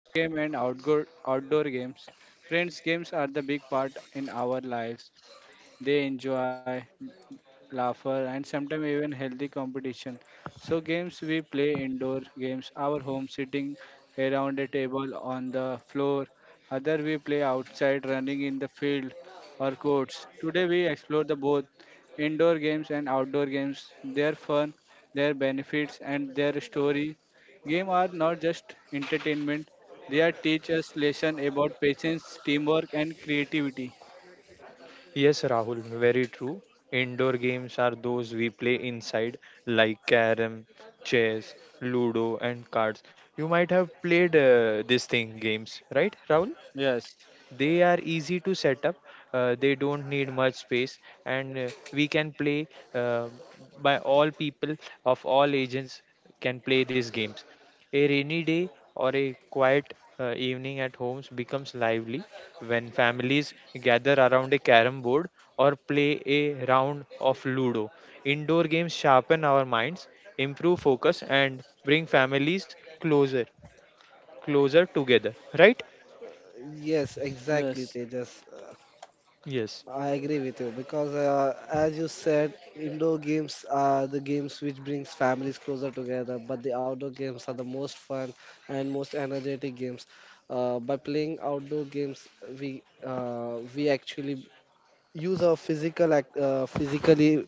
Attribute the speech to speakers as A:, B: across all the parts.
A: on indoor game and outdoor games. Friends, games are the big part in our lives. They enjoy laughter, and sometimes even healthy competition. So, games we play indoor games, our home, sitting around a table on the floor. Other we play outside, running in the field or courts. Today we explore the both indoor games and outdoor games, their fun, their benefits, and their story. Games are not just entertainment; they are teach us lesson about patience, teamwork, and creativity.
B: Yes, Rahul, very true. Indoor games are those we play inside, like carom, chess, ludo, and cards. You might have played this thing games, right, Rahul?
A: Yes,
B: They are easy to set up, they don't need much space, and we can play uh, by all people of all ages can play these games. A rainy day or a quiet evening at homes becomes lively when families gather around a carom board or play a round of ludo. Indoor games sharpen our minds, improve focus, and bring families closer, closer together. Right?
C: Yes,
A: yes.
C: exactly, Tejas.
B: Yes.
C: I agree with you because, as you said, indoor games are the games which brings families closer together, but the outdoor games are the most fun and most energetic games. By playing outdoor games, we actually use our physically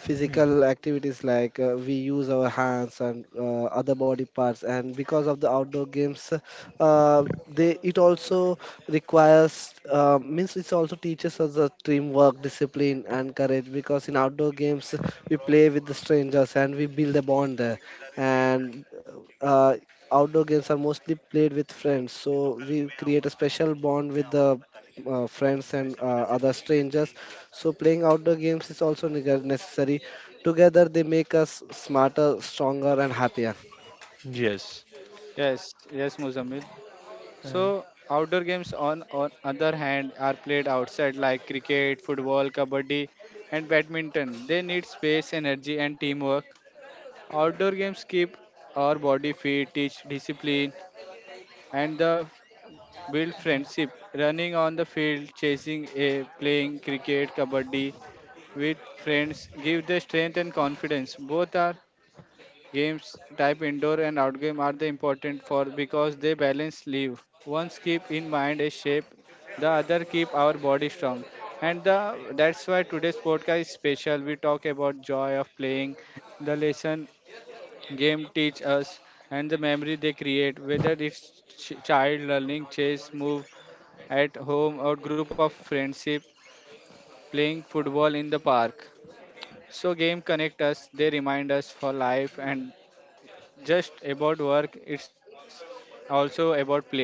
C: physical activities like we use our hands and other body parts, and because of the outdoor games they it also requires means it also teaches us the teamwork, discipline, and courage, because in outdoor games we play with the strangers and we build a bond there, and uh, outdoor games are mostly played with friends, so we create a special bond with the friends and other strangers, so playing outdoor games is also necessary. Together they make us smarter, stronger, and happier.
B: Yes.
A: Yes, yes, Muzamil.
B: Uh,
A: So outdoor games on other hand are played outside like cricket, football, kabaddi, and badminton. They need space, energy, and teamwork. Outdoor games keep our body fit, teach discipline, and the build friendship. Running on the field, chasing a playing cricket, kabaddi with friends give the strength and confidence. Both are Games type indoor and outgame are the important for because they balance live. One's keep in mind a shape, the other keep our body strong. And the, that's why today's podcast is special. We talk about joy of playing, the lesson game teach us, and the memory they create. Whether it's child learning, chase, move at home, or group of friendship playing football in the park. So game connect us, they remind us for life and just about work, it's also about play.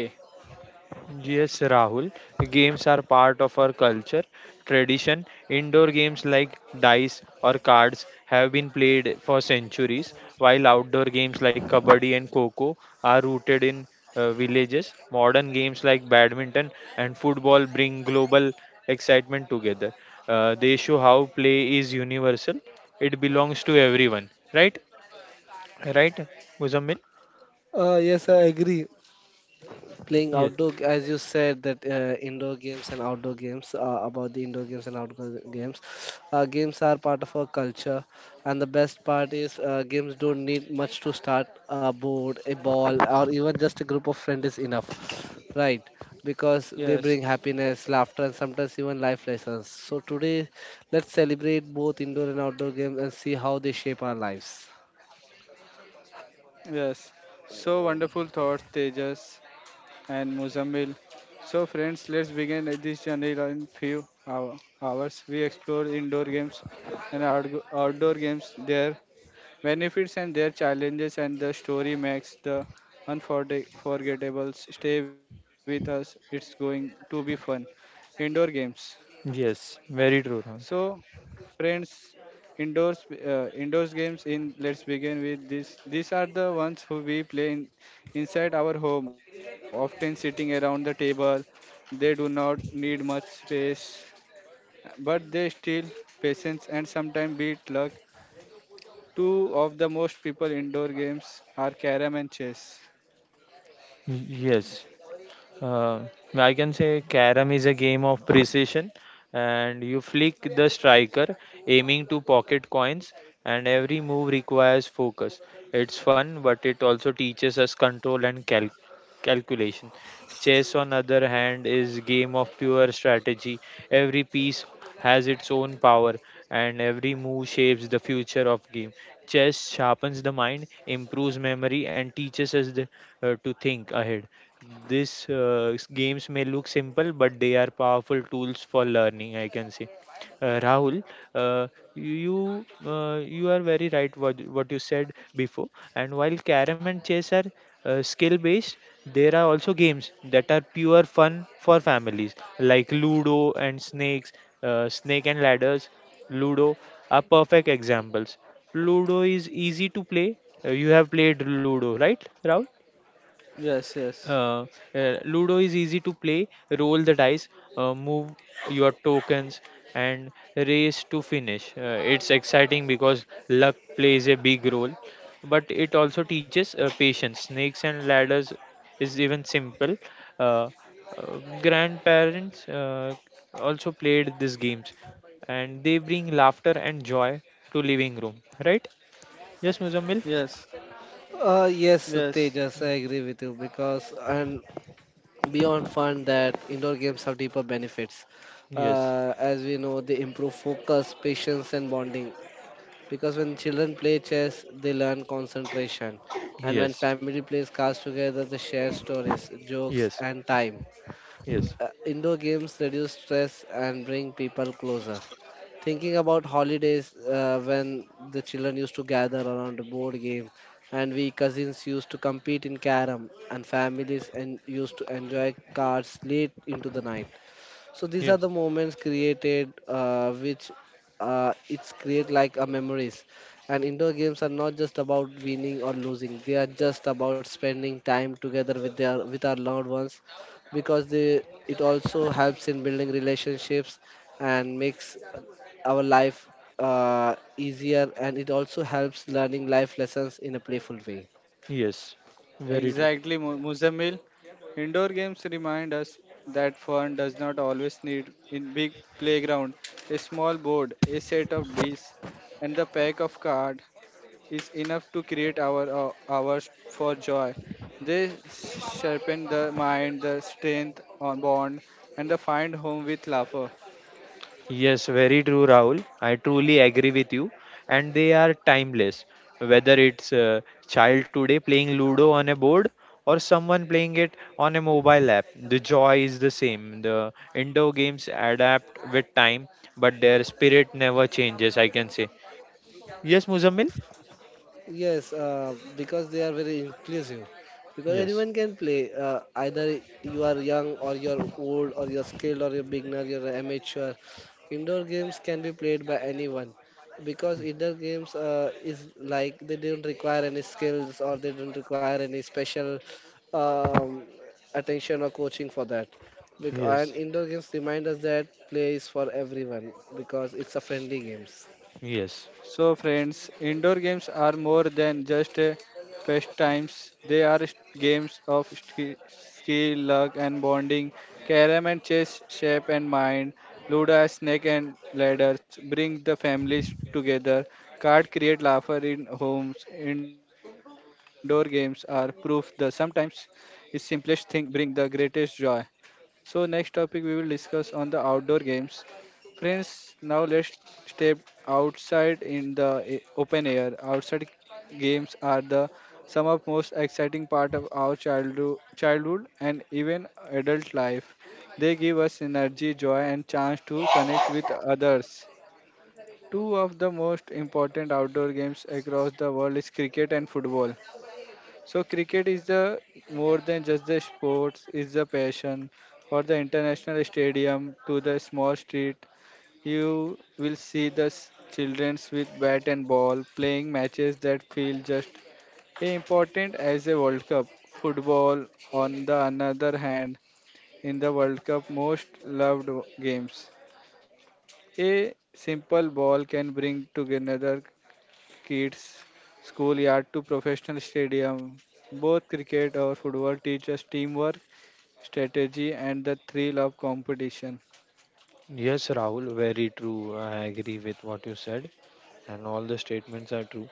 B: yes, Rahul. Games are part of our culture, tradition. Indoor games like dice or cards have been played for centuries, while outdoor games like kabaddi and kho are rooted in villages. Modern games like badminton and football bring global excitement together. They show how play is universal. It belongs to everyone, right? Right, Muzammil?
C: Yes, I agree. Playing
B: Yes.
C: as you said that indoor games and outdoor games about the indoor games and outdoor games, games are part of our culture, and the best part is, games don't need much to start: a board, a ball, or even just a group of friends is enough, right? Because they bring
A: Yes,
C: happiness, laughter, and sometimes even life lessons. So today let's celebrate both indoor and outdoor games and see how they shape our lives.
A: yes. So wonderful thoughts, Tejas and Muzammil. So friends, let's begin this journey in few hours. We explore indoor games and outdoor games, their benefits and their challenges, and the story makes the unforgettable. Stay with us. It's going to be fun. Indoor games.
B: Yes, very true.
A: So, friends, indoors games in let's begin with this. These are the ones who we play in, inside our home, often sitting around the table. They do not need much space, but they still patience and sometimes beat luck. Two of the most people indoor games are carom and chess.
B: Yes, uh, I can say carom is a game of precision, and you flick the striker, aiming to pocket coins, and every move requires focus. It's fun, but it also teaches us control and calculation. Chess, on other hand, is game of pure strategy. Every piece has its own power, and every move shapes the future of game. Chess sharpens the mind, improves memory, and teaches us to think ahead. These games may look simple, but they are powerful tools for learning. I can say Rahul, uh, you are very right what you said before. And while carom and chess are skill based, there are also games that are pure fun for families, like Ludo and snake and ladders. Ludo are perfect examples. Ludo is easy to play. You have played Ludo, right, Rahul?
A: Yes, yes,
B: uh, Ludo is easy to play. Roll the dice, move your tokens, and race to finish. It's exciting because luck plays a big role, but it also teaches patience. Snakes and ladders is even simple. Uh, grandparents also played these games, and they bring laughter and joy to living room. Right? Yes, Muzammil.
A: yes,
C: Yes
A: yes.
C: Tejas, I agree with you, because and beyond fun, that indoor games have deeper benefits.
B: Yes.
C: As we know, they improve focus, patience, and bonding, because when children play chess they learn concentration, and when
B: Yes.
C: family plays cards together they share stories, jokes,
B: Yes.
C: and time.
B: Yes.
C: Indoor games reduce stress and bring people closer. Thinking about holidays, when the children used to gather around a board game and we cousins used to compete in carom and families and used to enjoy cards late into the night. So these are
B: Yes.
C: the moments created, which it's create like a memories. And indoor games are not just about winning or losing; they are just about spending time together with their with our loved ones, because they it also helps in building relationships and makes our life uh, easier, and it also helps learning life lessons in a playful way.
B: Yes, very true.
A: Exactly, Muzammil. Indoor games remind us that fun does not always need in big playground. A small board, a set of dice, and the pack of cards is enough to create our hours for joy. They sharpen the mind, the strength on bond, and the find home with laughter.
B: Yes, very true, Rahul. I truly agree with you. And they are timeless. Whether it's a child today playing Ludo on a board or someone playing it on a mobile app, the joy is the same. The indoor games adapt with time, but their spirit never changes, I can say. Yes, Muzammil?
C: Yes, because they are very inclusive. Because
B: Yes,
C: anyone can play. Either you are young or you're old, or you're skilled or you're beginner, you're an amateur. Indoor games can be played by anyone because indoor games is like they don't require any skills, or they don't require any special um, attention or coaching for that. And
B: yes,
C: indoor games remind us that play is for everyone because it's a friendly games.
B: yes.
A: So, friends, indoor games are more than just pastimes. They are games of skill, luck, and bonding. Carom and chess shape and mind. Ludo, snake and ladders bring the families together. Card create laughter in homes. Indoor games are proof the sometimes the simplest thing bring the greatest joy. So next topic we will discuss on the outdoor games. Friends, now let's step outside in the open air. Outside games are the some of most exciting part of our childhood, childhood and even adult life. They give us energy, joy and chance to connect with others. Two of the most important outdoor games across the world is cricket and football. So cricket is the more than just the sports, it's the passion. For the international stadium to the small street, you will see the childrens with bat and ball playing matches that feel just as important as a World Cup. Football, on the another hand, in the World Cup most loved games. A simple ball can bring together kids, schoolyard to professional stadium. Both cricket or football teach us teamwork, strategy, and the thrill of competition.
B: Yes, Rahul, very true. I agree with what you said, and all the statements are true.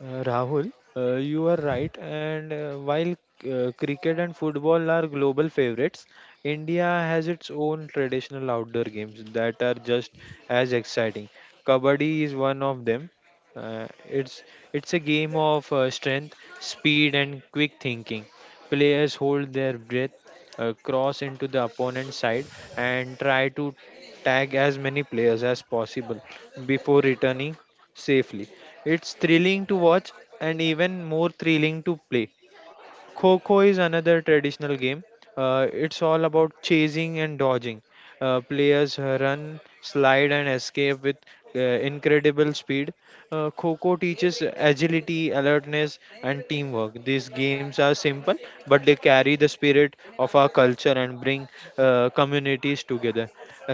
B: Rahul, you are right. And while cricket and football are global favorites, India has its own traditional outdoor games that are just as exciting. Kabaddi is one of them. Uh, it's it's a game of strength, speed, and quick thinking. Players hold their breath cross into the opponent's side and try to tag as many players as possible before returning safely. It's thrilling to watch and even more thrilling to play. Kho Kho is another traditional game. It's all about chasing and dodging. Players run, slide, and escape with incredible speed. Kho Kho teaches agility, alertness, and teamwork. These games are simple, but they carry the spirit of our culture and bring communities together.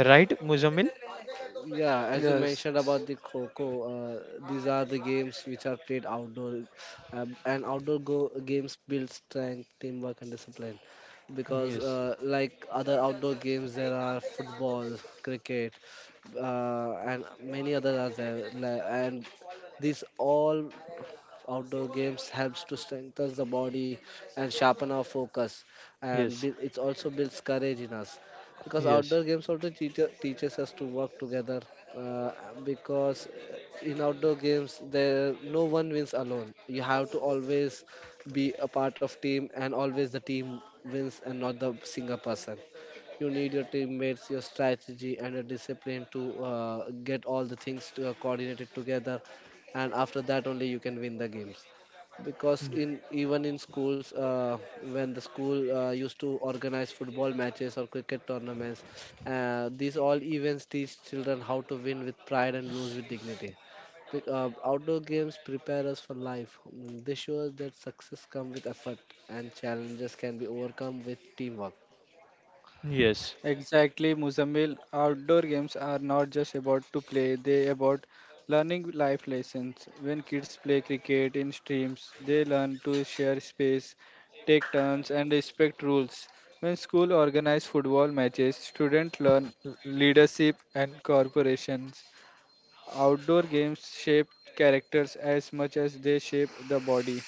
B: Right, Muzamil?
C: Yeah, as you
A: Yes,
C: mentioned about the Coco, these are the games which are played outdoor, and games build strength, teamwork, and discipline. Because,
B: Yes,
C: like other outdoor games, there are football, cricket, and many others are there, and these all outdoor games helps to strengthen the body and sharpen our focus, and
B: yes,
C: it also builds courage in us, because
B: yes,
C: outdoor games also teaches us to work together, uh, because in outdoor games there no one wins alone. You have to always be a part of team, and always the team wins and not the single person. You need your teammates, your strategy, and your discipline to get all the things to, coordinated together, and after that only you can win the games. Because in even in schools, when the school used to organize football matches or cricket tournaments, these all events teach children how to win with pride and lose with dignity. Outdoor games prepare us for life. Mm, they show us that success comes with effort and challenges can be overcome with teamwork.
B: yes.
A: exactly, Muzammil. Outdoor games are not just about to play, they about learning life lessons. When kids play cricket in streams, they learn to share space, take turns, and respect rules. When school organize football matches, students learn leadership and corporations. Outdoor games shape characters as much as they shape the body.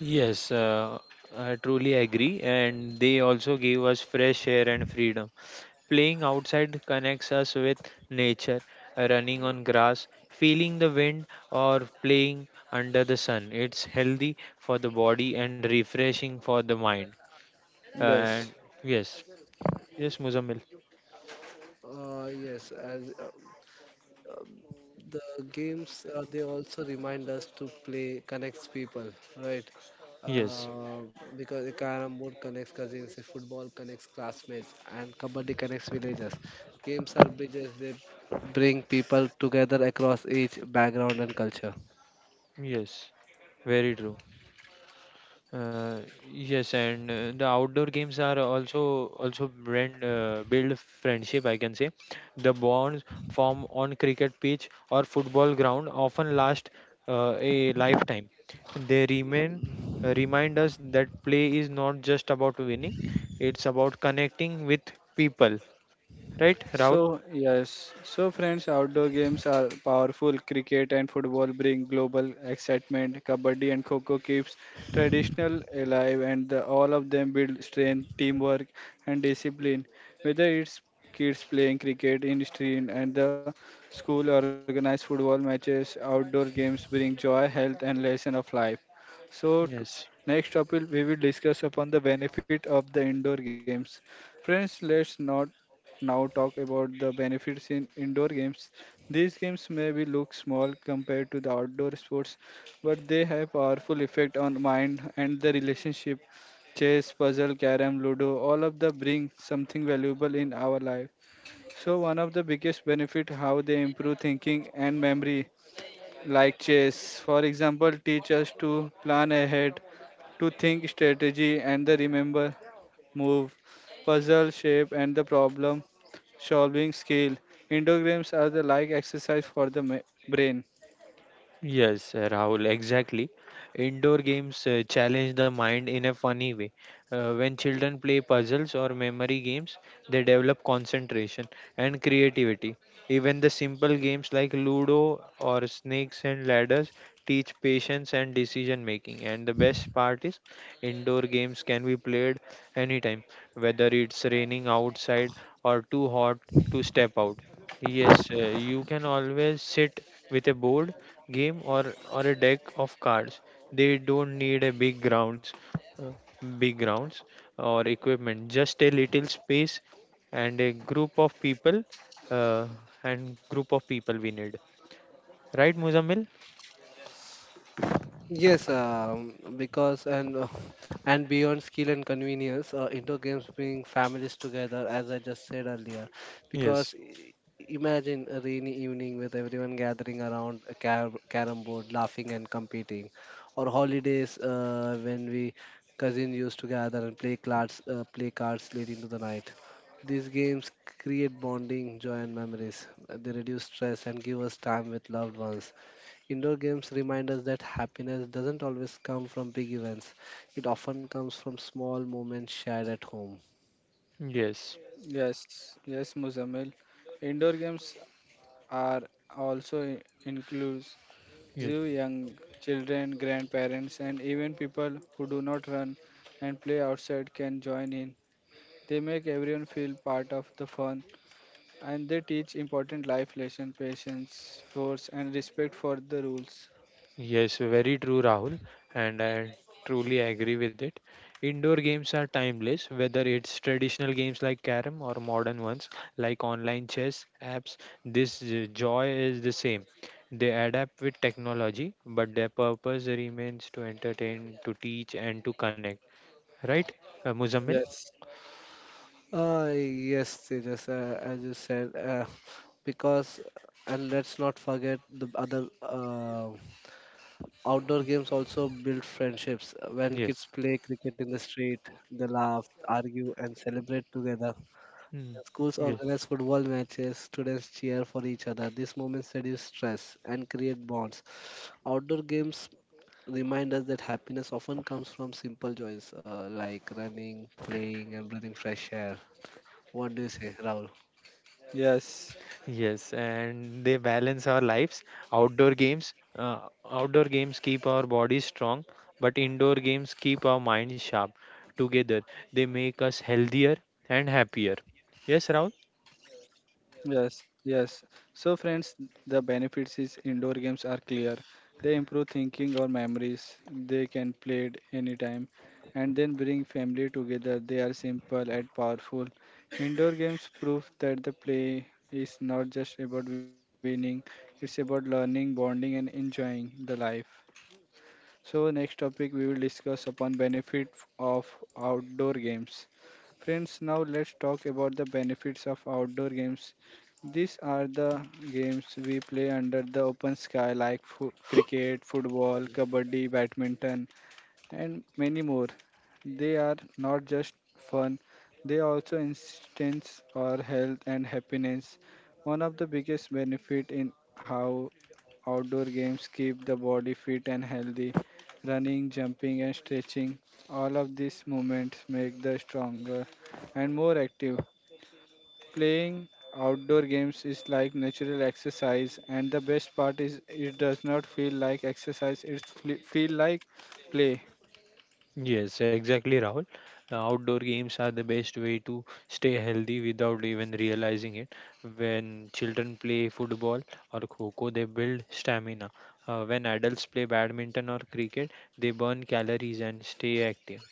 B: Yes, I truly agree. And they also give us fresh air and freedom. Playing outside connects us with nature, running on grass, feeling the wind, or playing under the sun. It's healthy for the body and refreshing for the mind.
A: Yes.
B: And yes, yes, Muzammil.
C: Uh, yes, as uh, um, the games, they also remind us to play connects people, right?
B: Yes,
C: uh, because a carom board connects cousins, a football connects classmates, and kabaddi connects villages. Games are bridges; they bring people together across age, background, and culture.
B: yes, very true. Uh, yes, and The outdoor games are also build friendship. I can say the bonds formed on cricket pitch or football ground often last a lifetime. They remain remind us that play is not just about winning; it's about connecting with people. Right, Rahul?
A: So, yes. So, friends, outdoor games are powerful. Cricket and football bring global excitement. Kabaddi and Kho Kho keeps traditional alive, and the, all of them build strength, teamwork, and discipline. Whether it's kids playing cricket in the street and the school organized football matches, outdoor games bring joy, health, and lesson of life. So,
B: Yes.
A: next topic we will discuss upon the benefit of the indoor games. Friends, let's not now talk about the benefits in indoor games. These games maybe look small compared to the outdoor sports, but they have powerful effect on mind and the relationship. Chess, puzzle, carom, ludo, all of them bring something valuable in our life. So one of the biggest benefit how they improve thinking and memory like chess for example teach us to plan ahead to think strategy and the remember move, puzzle shape, and the problem solving skill. Indoor games are the like exercise for the brain.
B: Yes, Rahul, exactly. Indoor games challenge the mind in a funny way. When children play puzzles or memory games, they develop concentration and creativity. Even the simple games like Ludo or Snakes and Ladders teach patience and decision making. And the best part is, indoor games can be played anytime, whether it's raining outside or too hot to step out. Yes, you can always sit with a board game or a deck of cards. They don't need a uh, big grounds or equipment, just a little space and a group of uh, people we need, right, Muzammil?
C: Yes, because and and beyond skill and convenience, indoor games bring families together, as I just said earlier. Because
B: Yes.
C: i- Imagine a rainy evening with everyone gathering around a carom board, laughing and competing, or holidays, when we cousins used to gather and play cards late into the night. These games create bonding, joy, and memories. They reduce stress and give us time with loved ones. Indoor games remind us that happiness doesn't always come from big events. It often comes from small moments shared at home.
B: Yes,
A: Yes, yes, Muzamil. Indoor games are also includes
B: yes.
A: you young children, grandparents, and even people who do not run and play outside can join in. They make everyone feel part of the fun, and they teach important life lessons, patience, force, and respect for the rules.
B: Yes, very true, Rahul, and I truly agree with it. Indoor games are timeless, whether it's traditional games like carom or modern ones like online chess apps. This joy is the same. They adapt with technology, but their purpose remains to entertain, to teach, and to connect. Right, Muzammil?
A: Yes,
C: Yes, Tejas, as you said, because, and let's not forget the other outdoor games also build friendships. When kids
B: Yes.
C: play cricket in the street, they laugh, argue, and celebrate together.
B: Mm.
C: When schools organize football matches, students cheer for each other. These moments reduce stress and create bonds. Outdoor games remind us that happiness often comes from simple joys, like running, playing, and breathing fresh air. What do you say, Rahul?
A: yes.
B: Yes, and they balance our lives. Outdoor games, uh, Outdoor games keep our bodies strong, but indoor games keep our minds sharp. Together, they make us healthier and happier. Yes, Rahul?
A: Yes, yes. So, friends, the benefits is indoor games are clear. They improve thinking or memories. They can play it anytime and then bring family together. They are simple and powerful. Indoor games prove that the play is not just about winning, it's about learning, bonding, and enjoying the life. So next topic we will discuss upon benefit of outdoor games. Friends, now let's talk about the benefits of outdoor games. These are the games we play under the open sky like cricket, football, kabaddi, badminton and many more. They are not just fun, they also instance our health and happiness. One of the biggest benefit in how outdoor games keep the body fit and healthy. Running, jumping and stretching, all of these movements make the stronger and more active. Playing outdoor games is like natural exercise and the best part is it does not feel like exercise, it feel like play.
B: Yes, exactly, Rahul. Outdoor games are the best way to stay healthy without even realizing it. When children play football or kho they build stamina. When adults play badminton or cricket, they burn calories and stay active.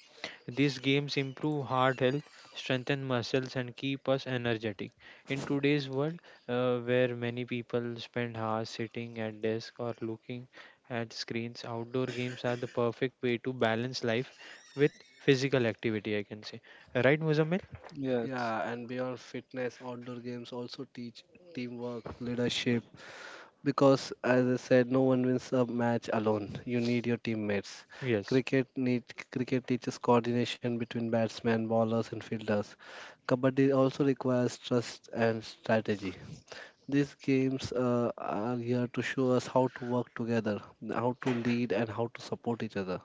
B: These games improve heart health, strengthen muscles, and keep us energetic. In today's world, where many people spend hours sitting at desk or looking at screens, outdoor games are the perfect way to balance life with physical activity. I can say, right, Muzammil?
A: Yes.
C: Yeah, and beyond fitness, outdoor games also teach teamwork, leadership, because as I said, no one wins a match alone. You need your teammates.
B: Yes,
C: Cricket need cricket teaches coordination between batsmen, bowlers, and fielders. Kabaddi also requires trust and strategy. These games are here to show us how to work together, how to lead, and how to support each other.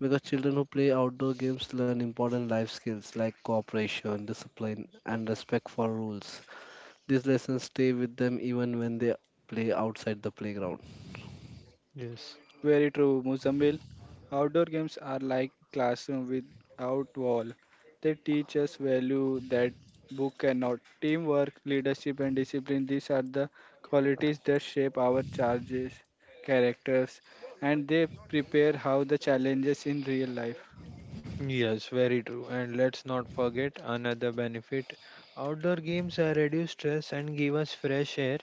C: Because children who play outdoor games learn important life skills like cooperation, discipline, and respect for rules. These lessons stay with them even when they play outside the playground.
B: yes.
A: Very true, Muzambil. Outdoor games are like classroom without wall. They teach us value that book cannot. Teamwork, leadership, and discipline. These are the qualities that shape our charges, characters, and they prepare how the challenges in real life.
B: Yes, very true. And let's not forget another benefit. Outdoor games reduce stress and give us fresh air.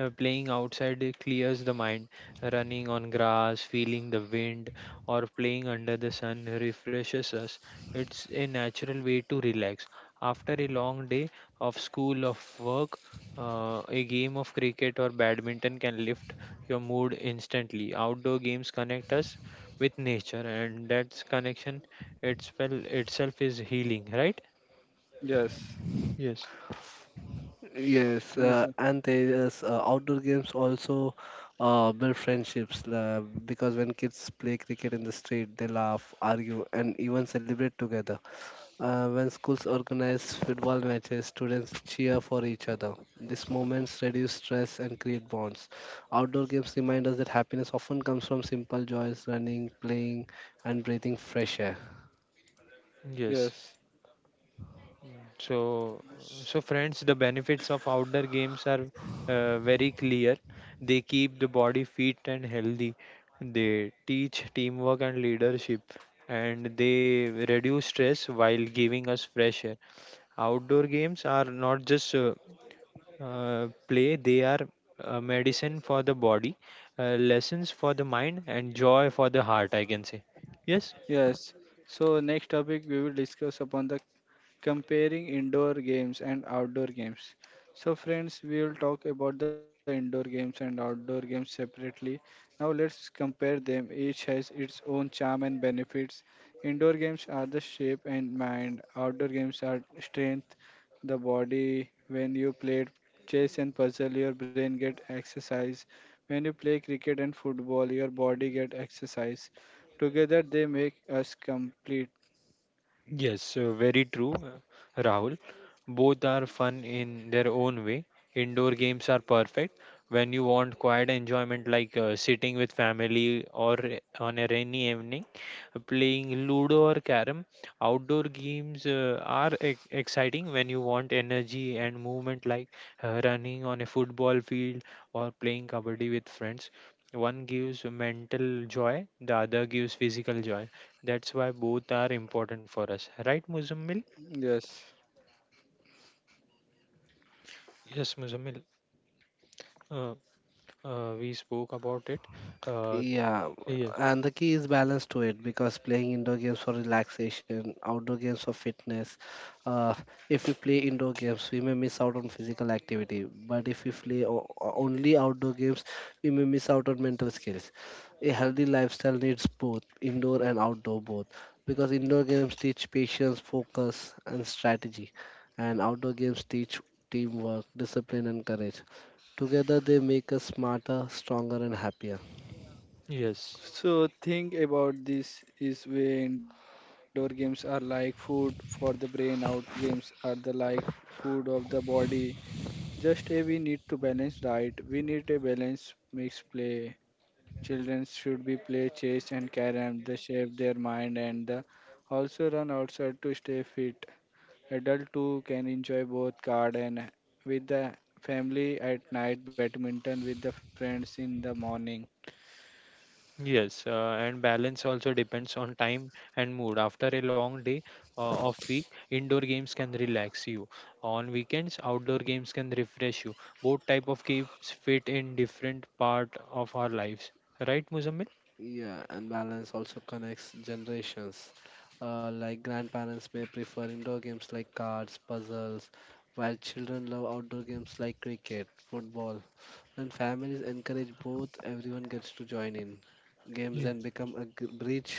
B: Playing outside, it clears the mind. Running on grass, feeling the wind, or playing under the sun refreshes us. It's a natural way to relax. After a long day of school, of work, a game of cricket or badminton can lift your mood instantly. Outdoor games connect us with nature, and that's connection itself itself is healing, right?
A: Yes,
B: Yes,
C: Yes,
A: Muzam.
C: and there is outdoor games also build friendships, because when kids play cricket in the street, they laugh, argue, and even celebrate together. When schools organize football matches, students cheer for each other. These moments reduce stress and create bonds. Outdoor games remind us that happiness often comes from simple joys: running, playing, and breathing fresh air.
B: yes.
A: Yes.
B: So, so, friends, the benefits of outdoor games are very clear. They keep the body fit and healthy. They teach teamwork and leadership, and they reduce stress while giving us fresh air. Outdoor games are not just play; they are medicine for the body, lessons for the mind, and joy for the heart. I can say, yes.
A: Yes. So next topic we will discuss upon the comparing indoor games and outdoor games. So friends, we will talk about the indoor games and outdoor games separately. Now let's compare them. Each has its own charm and benefits. Indoor games are the shape and mind. Outdoor games are strength, the body. When you play chess and puzzle, your brain get exercise. When you play cricket and football, your body get exercise. Together they make us complete.
B: Yes, so very true, Rahul. Both are fun in their own way. Indoor games are perfect when you want quiet enjoyment, like sitting with family or on a rainy evening, playing Ludo or Carom. Outdoor games are exciting when you want energy and movement, like running on a football field or playing kabaddi with friends. One gives mental joy, the other gives physical joy. That's why both are important for us, right, Muzammil?
A: Yes.
B: Yes, Muzammil. Uh, we spoke about it. Uh,
C: Yeah,
B: yes,
C: and the key is balance to it, because playing indoor games for relaxation, outdoor games for fitness. Uh, if we play indoor games, we may miss out on physical activity, but if we play only outdoor games, we may miss out on mental skills. A healthy lifestyle needs both indoor and outdoor both, because indoor games teach patience, focus, and strategy, and outdoor games teach teamwork, discipline, and courage. Together, they make us smarter, stronger, and happier.
B: yes,
A: So think about this is way indoor games are like food for the brain, out games are the like food of the body. Just a we need to balance diet. We need a balance mix play. Children should be play chess and carrom. They shape their mind and the also run outside to stay fit. Adult too can enjoy both card and with the family at night, badminton with the friends in the morning.
B: yes. And balance also depends on time and mood. After a long day of week, indoor games can relax you. On weekends, outdoor games can refresh you. Both type of games fit in different part of our lives, right, Muzammil?
C: Yeah, and balance also connects generations. Like grandparents may prefer indoor games like cards, puzzles, while children love outdoor games like cricket, football. When families encourage both, everyone gets to join in. Games
B: Ye-
C: then become a bridge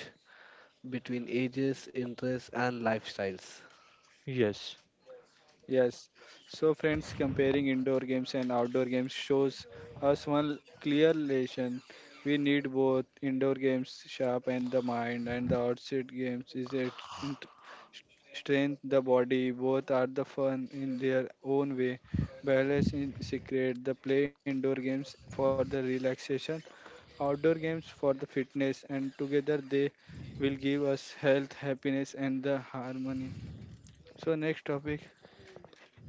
C: between ages, interests, and lifestyles.
B: Yes.
A: Yes. So friends comparing indoor games and outdoor games shows us one clear lesson. We need both indoor games sharp and the mind and the outside games is it strength the body both are the fun in their own way balance in secret the play indoor games for the relaxation outdoor games for the fitness and together they will give us health happiness and the harmony so next topic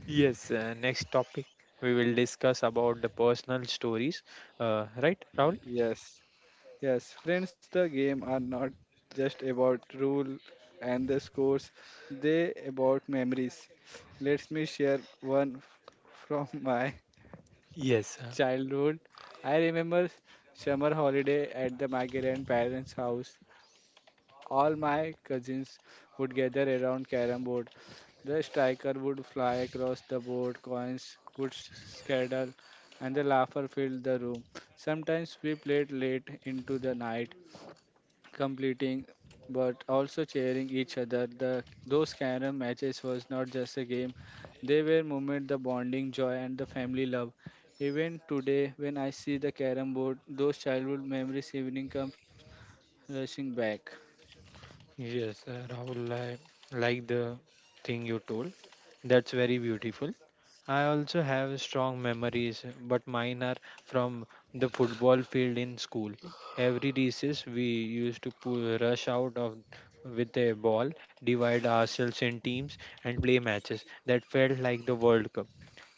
B: Yes, next topic we will discuss about the personal stories, right, Rahul?
A: yes yes friends the game are not just about rule and the scores they about memories let me share one from my
B: Yes,
A: childhood I remember summer holiday at the my grandparents house all my cousins would gather around carom board. The striker would fly across the board, coins would scatter, and the laughter filled the room. Sometimes we played late into the night, completing but also cheering each other. The those carom matches was not just a game; they were moment the bonding joy and the family love. Even today, when I see the carom board, those childhood memories evening comes rushing back.
B: Yes, Rahul, I like the thing you told. That's very beautiful. I also have strong memories, but mine are from the football field in school. Every recess, we used to rush out of with a ball, divide ourselves in teams, and play matches. That felt like the World Cup.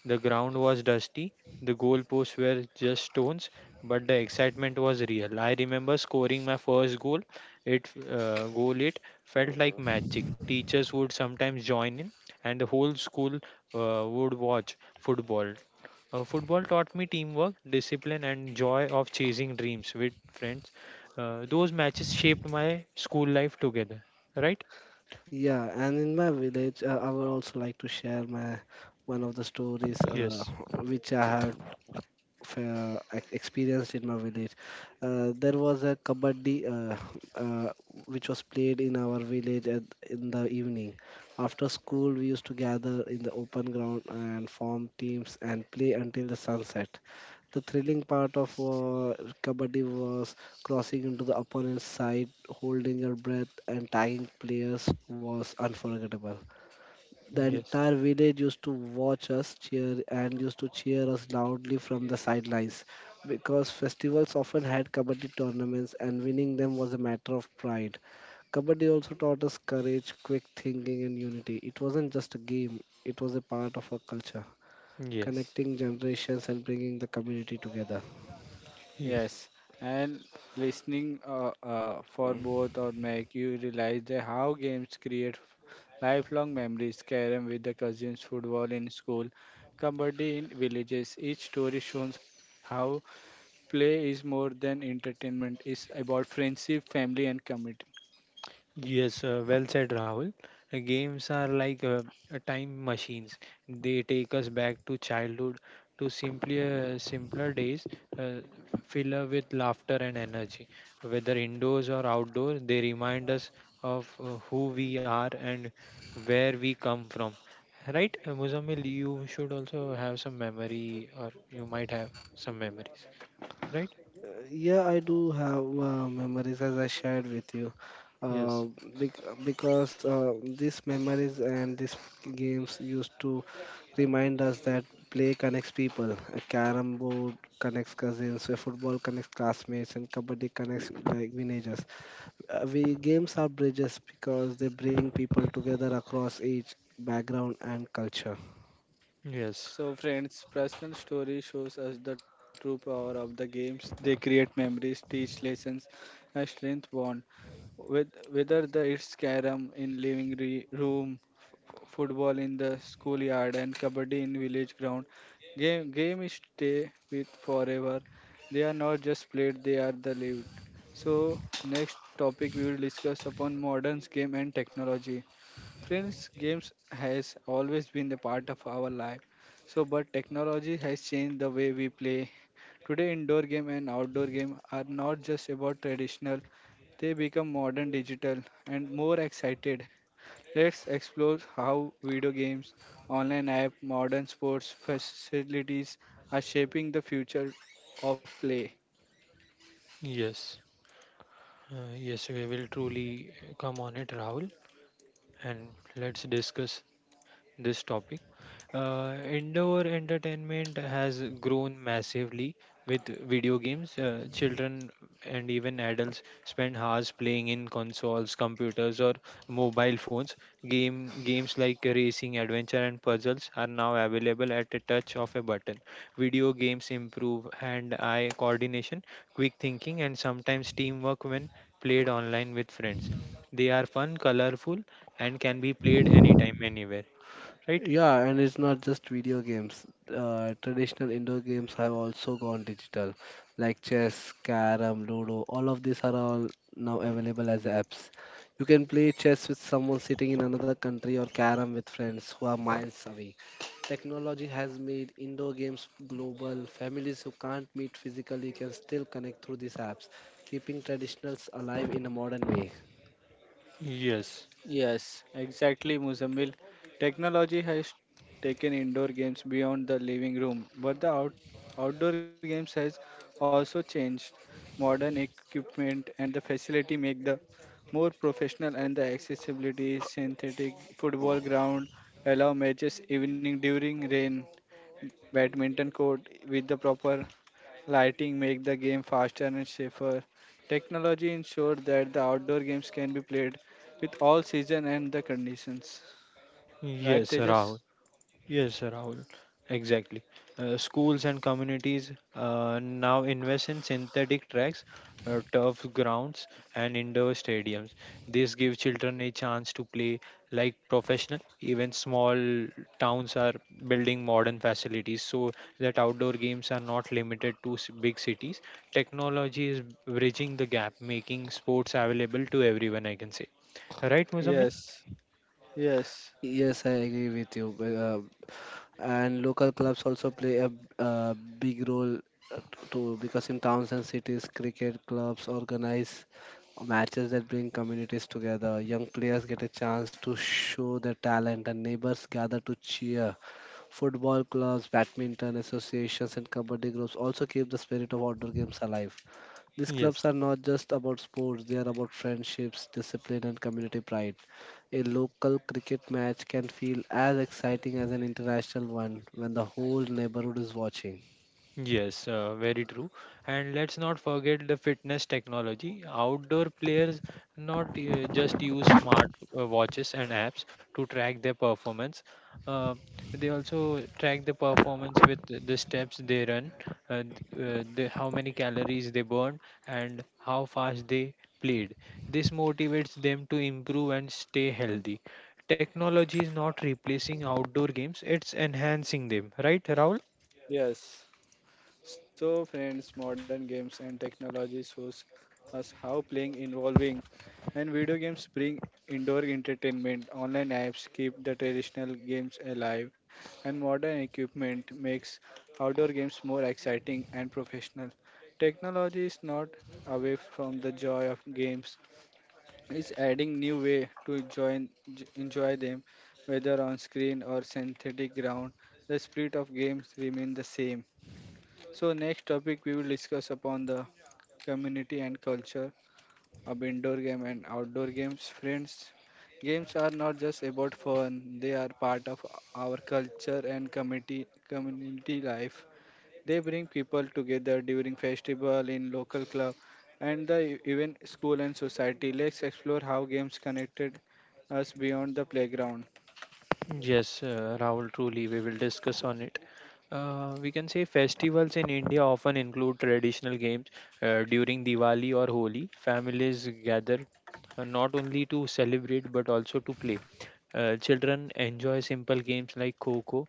B: The ground was dusty, the goalposts were just stones, but the excitement was real. I remember scoring my first goal. It go late felt like magic. Teachers would sometimes join in, and the whole school would watch football. Football taught me teamwork, discipline, and joy of chasing dreams with friends. Those matches shaped my school life together. Right?
C: Yeah, and in my village, I would also like to share my one of the stories,
B: Yes.
C: which I have experienced in my village. There was a kabaddi, uh, which was played in our village in the evening. After school, we used to gather in the open ground and form teams and play until the sunset. The thrilling part of, kabaddi was crossing into the opponent's side, holding your breath, and tagging players was unforgettable. The
B: Yes.
C: entire village used to watch us cheer and used to cheer us loudly from the sidelines, because festivals often had kabaddi tournaments and winning them was a matter of pride. Kabaddi also taught us courage, quick thinking, and unity. It wasn't just a game, it was a part of our culture,
B: Yes.
C: connecting generations and bringing the community together.
B: Yes.
A: Yes, and listening for both or make you realize that how games create lifelong memories. Carom with the cousins, football in school, kabaddi in villages. Each story shows how play is more than entertainment. It's about friendship, family, and community.
B: Yes, well said, Rahul. Games are like time machines. They take us back to childhood, to simpler days, uh, filled with laughter and energy. Whether indoors or outdoors, they remind us of who we are and where we come from. Right, Muzammil, you should also have some memory, or you might have some memories. Right?
C: Yeah, I do have memories as I shared with you. Uh,
B: Yes.
C: because these memories and these games used to remind us that play connects people. A carom board connects cousins, a football connects classmates, and kabaddi connects like villagers. We games are bridges because they bring people together across age, background, and culture.
B: Yes.
A: So, friends, personal story shows us the true power of the games. They create memories, teach lessons, and strength bond. With whether the it's carom in living room football in the schoolyard and kabaddi in village ground game is stay with forever they are not just played they are the lived so next topic we will discuss upon modern game and technology. Friends, games has always been a part of our life. So, but technology has changed the way we play. Today, indoor game and outdoor game are not just about traditional; they become modern, digital, and more excited. Let's explore how video games, online app, modern sports facilities are shaping the future of play.
B: Yes. Yes, we will truly come on it, Rahul, and let's discuss this topic. Indoor entertainment has grown massively with video games. Children and even adults spend hours playing in consoles, computers, or mobile phones. Game games like racing, adventure, and puzzles are now available at a touch of a button. Video games improve hand-eye coordination, quick thinking, and sometimes teamwork when played online with friends. They are fun, colorful, and can be played anytime, anywhere, right?
C: Yeah, and it's not just video games. Traditional indoor games have also gone digital, like chess, carom, ludo. All of these are all now available as apps. You can play chess with someone sitting in another country, or carom with friends who are miles away. Technology has made indoor games global. Families who can't meet physically can still connect through these apps, keeping traditionals alive in a modern way.
B: Yes,
A: Yes, exactly, Muzammil. Technology has taken indoor games beyond the living room, but the outdoor games has also changed. Modern equipment and the facility make the more professional and the accessibility synthetic football ground allow matches evening during rain badminton court with the proper lighting make the game faster and safer. Technology ensured that the outdoor games can be played with all season and the conditions. Right,
B: yes, Rahul.
A: Tejas?
B: Yes, Rahul. Exactly. Schools and communities now invest in synthetic tracks, turf grounds, and indoor stadiums. This gives children a chance to play like professional. Even small towns are building modern facilities so that outdoor games are not limited to big cities. Technology is bridging the gap, making sports available to everyone, I can say. Right, Muzammil?
A: Yes. Yes.
C: Yes, I agree with you. Well, and local clubs also play a, uh, big role, too, because in towns and cities cricket clubs organize matches that bring communities together. Young players get a chance to show their talent, and neighbors gather to cheer. Football clubs, badminton associations, and kabaddi groups also keep the spirit of outdoor games alive. These clubs
B: Yes.
C: are not just about sports, they are about friendships, discipline, and community pride. A local cricket match can feel as exciting as an international one when the whole neighborhood is watching.
B: Yes, very true. And let's not forget the fitness technology. Outdoor players not just use smart watches and apps to track their performance. Uh, they also track the performance with the steps they run, uh, th- how many calories they burn, and how fast they played. This motivates them to improve and stay healthy. Technology is not replacing outdoor games, it's enhancing them, right, Rahul?
A: Yes. So, friends, modern games and technology shows us how playing involving and video games bring indoor entertainment. Online apps keep the traditional games alive, and modern equipment makes outdoor games more exciting and professional. Technology is not away from the joy of games. It's adding new way to join, enjoy them, whether on screen or synthetic ground. The spirit of games remain the same. So next topic we will discuss upon the community and culture of indoor game and outdoor games. Friends, games are not just about fun; they are part of our culture and community life. They bring people together during festival in local club and the even school and society. Let's explore how games connected us beyond the playground.
B: Yes, Rahul, truly, we will discuss on it. We can say festivals in India often include traditional games. During Diwali or Holi, families gather not only to celebrate but also to play. Children enjoy simple games like Kho Kho,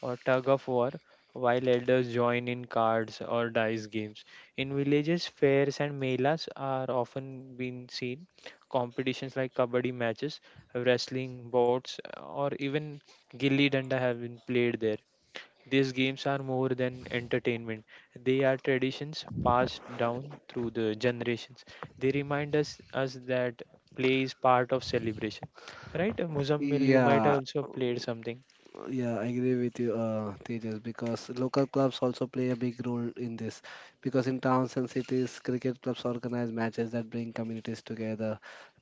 B: or tug of war, while elders join in cards or dice games. In villages, fairs and melas are often been seen. Competitions like kabaddi matches, wrestling, bouts, or even gilli danda have been played there. These games are more than entertainment. They are traditions passed down through the generations. They remind us that play is part of celebration. Right, Muzammil, you might have
C: Yeah,
B: also played something.
C: Yeah, I agree with you, Tejas, because local clubs also play a big role in this. Because in towns and cities, cricket clubs organize matches that bring communities together.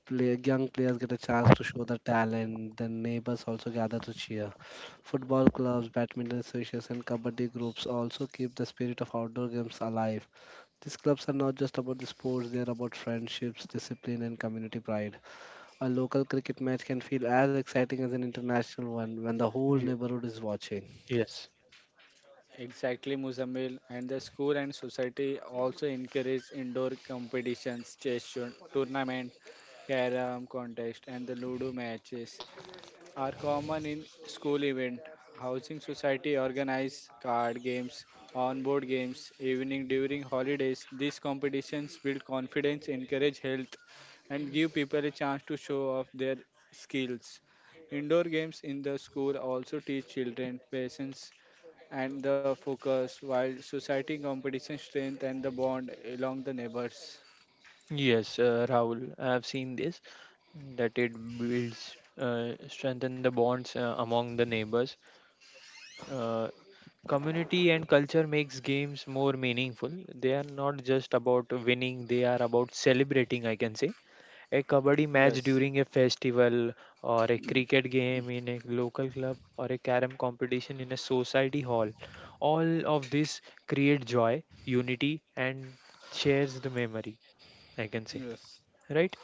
C: Play, young players get a chance to show their talent, then neighbors also gather to cheer. Football clubs, badminton associations, and kabaddi groups also keep the spirit of outdoor games alive. These clubs are not just about the sports, they are about friendships, discipline, and community pride. A local cricket match can feel as exciting as an international one when the whole
B: Ye-
C: neighborhood is watching.
B: Yes.
A: Exactly, Muzamil, and the school and society also encourage indoor competitions, chess tournament, carom contest, and the ludo matches are common in school event. Housing society organize card games, on-board games, evening during holidays. These competitions build confidence, encourage health, and give people a chance to show off their skills. Indoor games in the school also teach children patience and the focus while society competition strength and the bond along the neighbors.
B: Yes, Rahul, I've seen this that it builds, strengthen the bonds among the neighbors. Uh, community and culture makes games more meaningful. They are not just about winning; they are about celebrating. I can say a kabaddi match
A: Yes.
B: during a festival, or a cricket game in a local club, or a carom competition in a society hall. All of this create joy, unity, and shares the memory. I can say,
A: Yes.
B: right?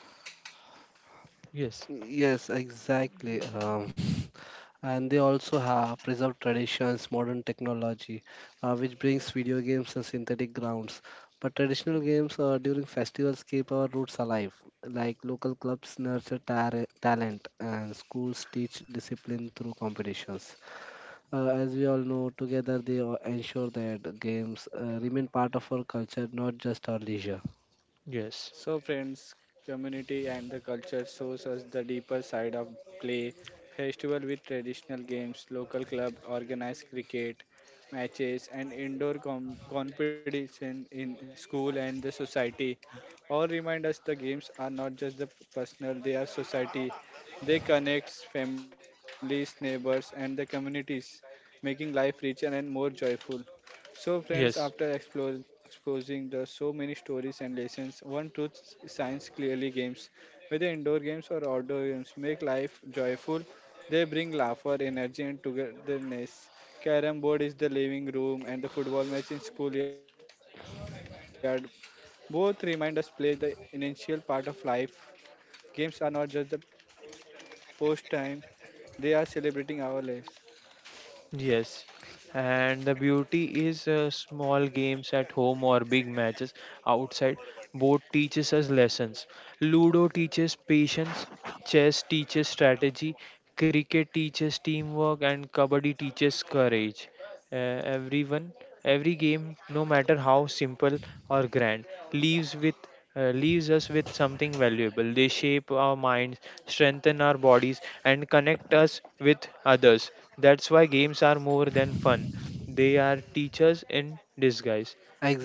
B: Yes,
C: Yes, exactly. And they also have preserved traditions, modern technology, which brings video games and synthetic grounds. But traditional games during festivals keep our roots alive. Like local clubs nurture talent, and schools teach discipline through competitions. As we all know, together they ensure that games remain part of our culture, not just our leisure.
B: yes,
A: So, friends, community and the culture shows us the deeper side of play. Festival with traditional games, local club, organized cricket matches, and indoor competition in school and the society all remind us the games are not just the personal, they are society. They connect families, neighbors, and the communities, making life richer and more joyful. So, friends, after
B: yes,
A: explore, exposing the so many stories and lessons, one truth science clearly games, whether indoor games or outdoor games, make life joyful. They bring laughter, energy, and togetherness. Carrom board is the living room, and the football match in schoolyard. Both remind us play the essential part of life. Games are not just the post time; they are celebrating our lives.
B: yes. And the beauty is, small games at home or big matches outside both teaches us lessons. Ludo teaches patience, chess teaches strategy, cricket teaches teamwork and kabaddi teaches courage. Uh, everyone, every game, no matter how simple or grand, leaves with leaves us with something valuable. They shape our minds, strengthen our bodies, and connect us with others. That's why games are more than fun. They are teachers in disguise.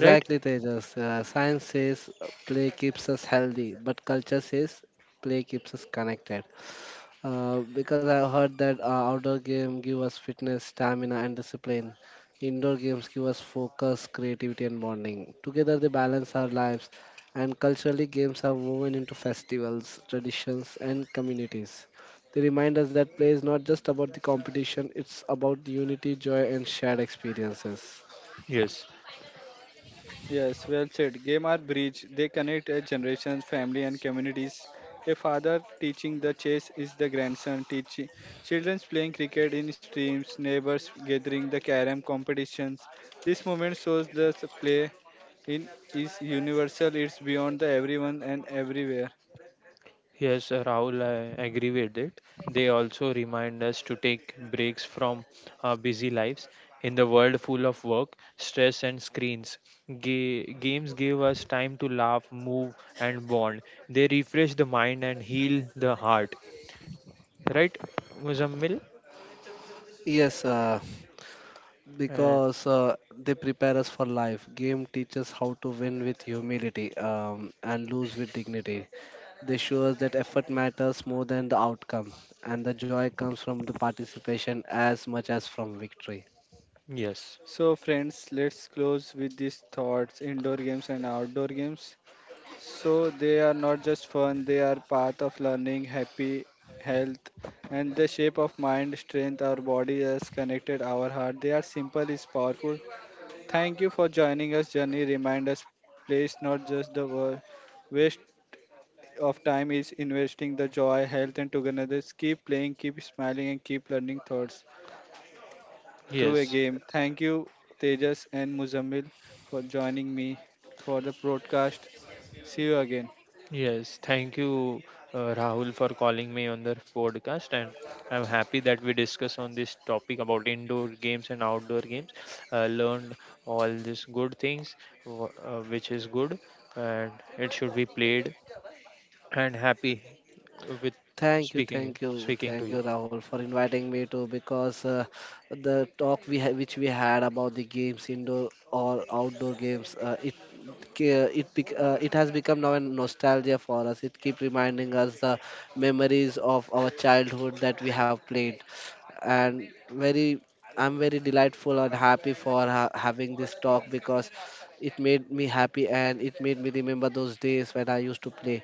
B: Right?
C: Tejas. Science says play keeps us healthy, but culture says play keeps us connected. Because I heard that outdoor game give us fitness, stamina, and discipline. Indoor games give us focus, creativity, and bonding. Together, they balance our lives. And culturally, games are woven into festivals, traditions, and communities. They remind us that play is not just about the competition; it's about the unity, joy, and shared experiences.
B: Yes.
A: Yes, well said. Game are bridge. They connect a generations, family, and communities. A father teaching the chess is the grandson teaching. Children playing cricket in streams, neighbors gathering the carom competitions. This moment shows the play in is universal. It's beyond the everyone and everywhere.
B: Yes, Rahul, I agree with it. They also remind us to take breaks from our busy lives. In the world full of work, stress, and screens, games give us time to laugh, move, and bond. They refresh the mind and heal the heart. Right, Muzammil?
C: Yes,
B: And
C: because they prepare us for life. Game teaches how to win with humility, and lose with dignity. They show us that effort matters more than the outcome, and the joy comes from the participation as much as from victory.
B: yes,
A: So, friends, let's close with these thoughts: indoor games and outdoor games. So they are not just fun, they are path of learning, happy health, and the shape of mind, strength, our body is connected, our heart. They are simple is powerful. Thank you for joining us, journey. Remind us, place not just the waste of time is investing the joy, health, and togetherness. Keep playing, keep smiling, and keep learning thoughts through a
B: yes,
A: game. Thank you, Tejas and Muzammil, for joining me for the broadcast. See you again.
B: yes, thank you, Rahul, for calling me on the podcast, and I'm happy that we discuss on this topic about indoor games and outdoor games. Learned all these good things, which is good, and it should be played, and happy with
C: Thank you,
B: speaking
C: thank you,
B: speaking
C: thank
B: to you.
C: you, Rahul, for inviting me to, because the talk which we had about the games, indoor or outdoor games, it has become now a nostalgia for us. It keeps reminding us the memories of our childhood that we have played, and very I'm very delightful and happy for having this talk because it made me happy and it made me remember those days when I used to play.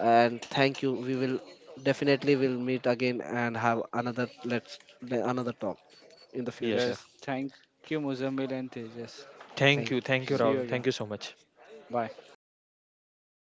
C: And thank you. We will Definitely, we'll meet again and have another talk in the
B: Yes,
C: future.
A: Yes, thank you, Muzamil and Tejas.
B: thank
C: Thank
B: you,
A: See
B: thank
A: you
B: you,
A: again.
B: Rahul,
C: you.
B: thank you so much.
A: Bye.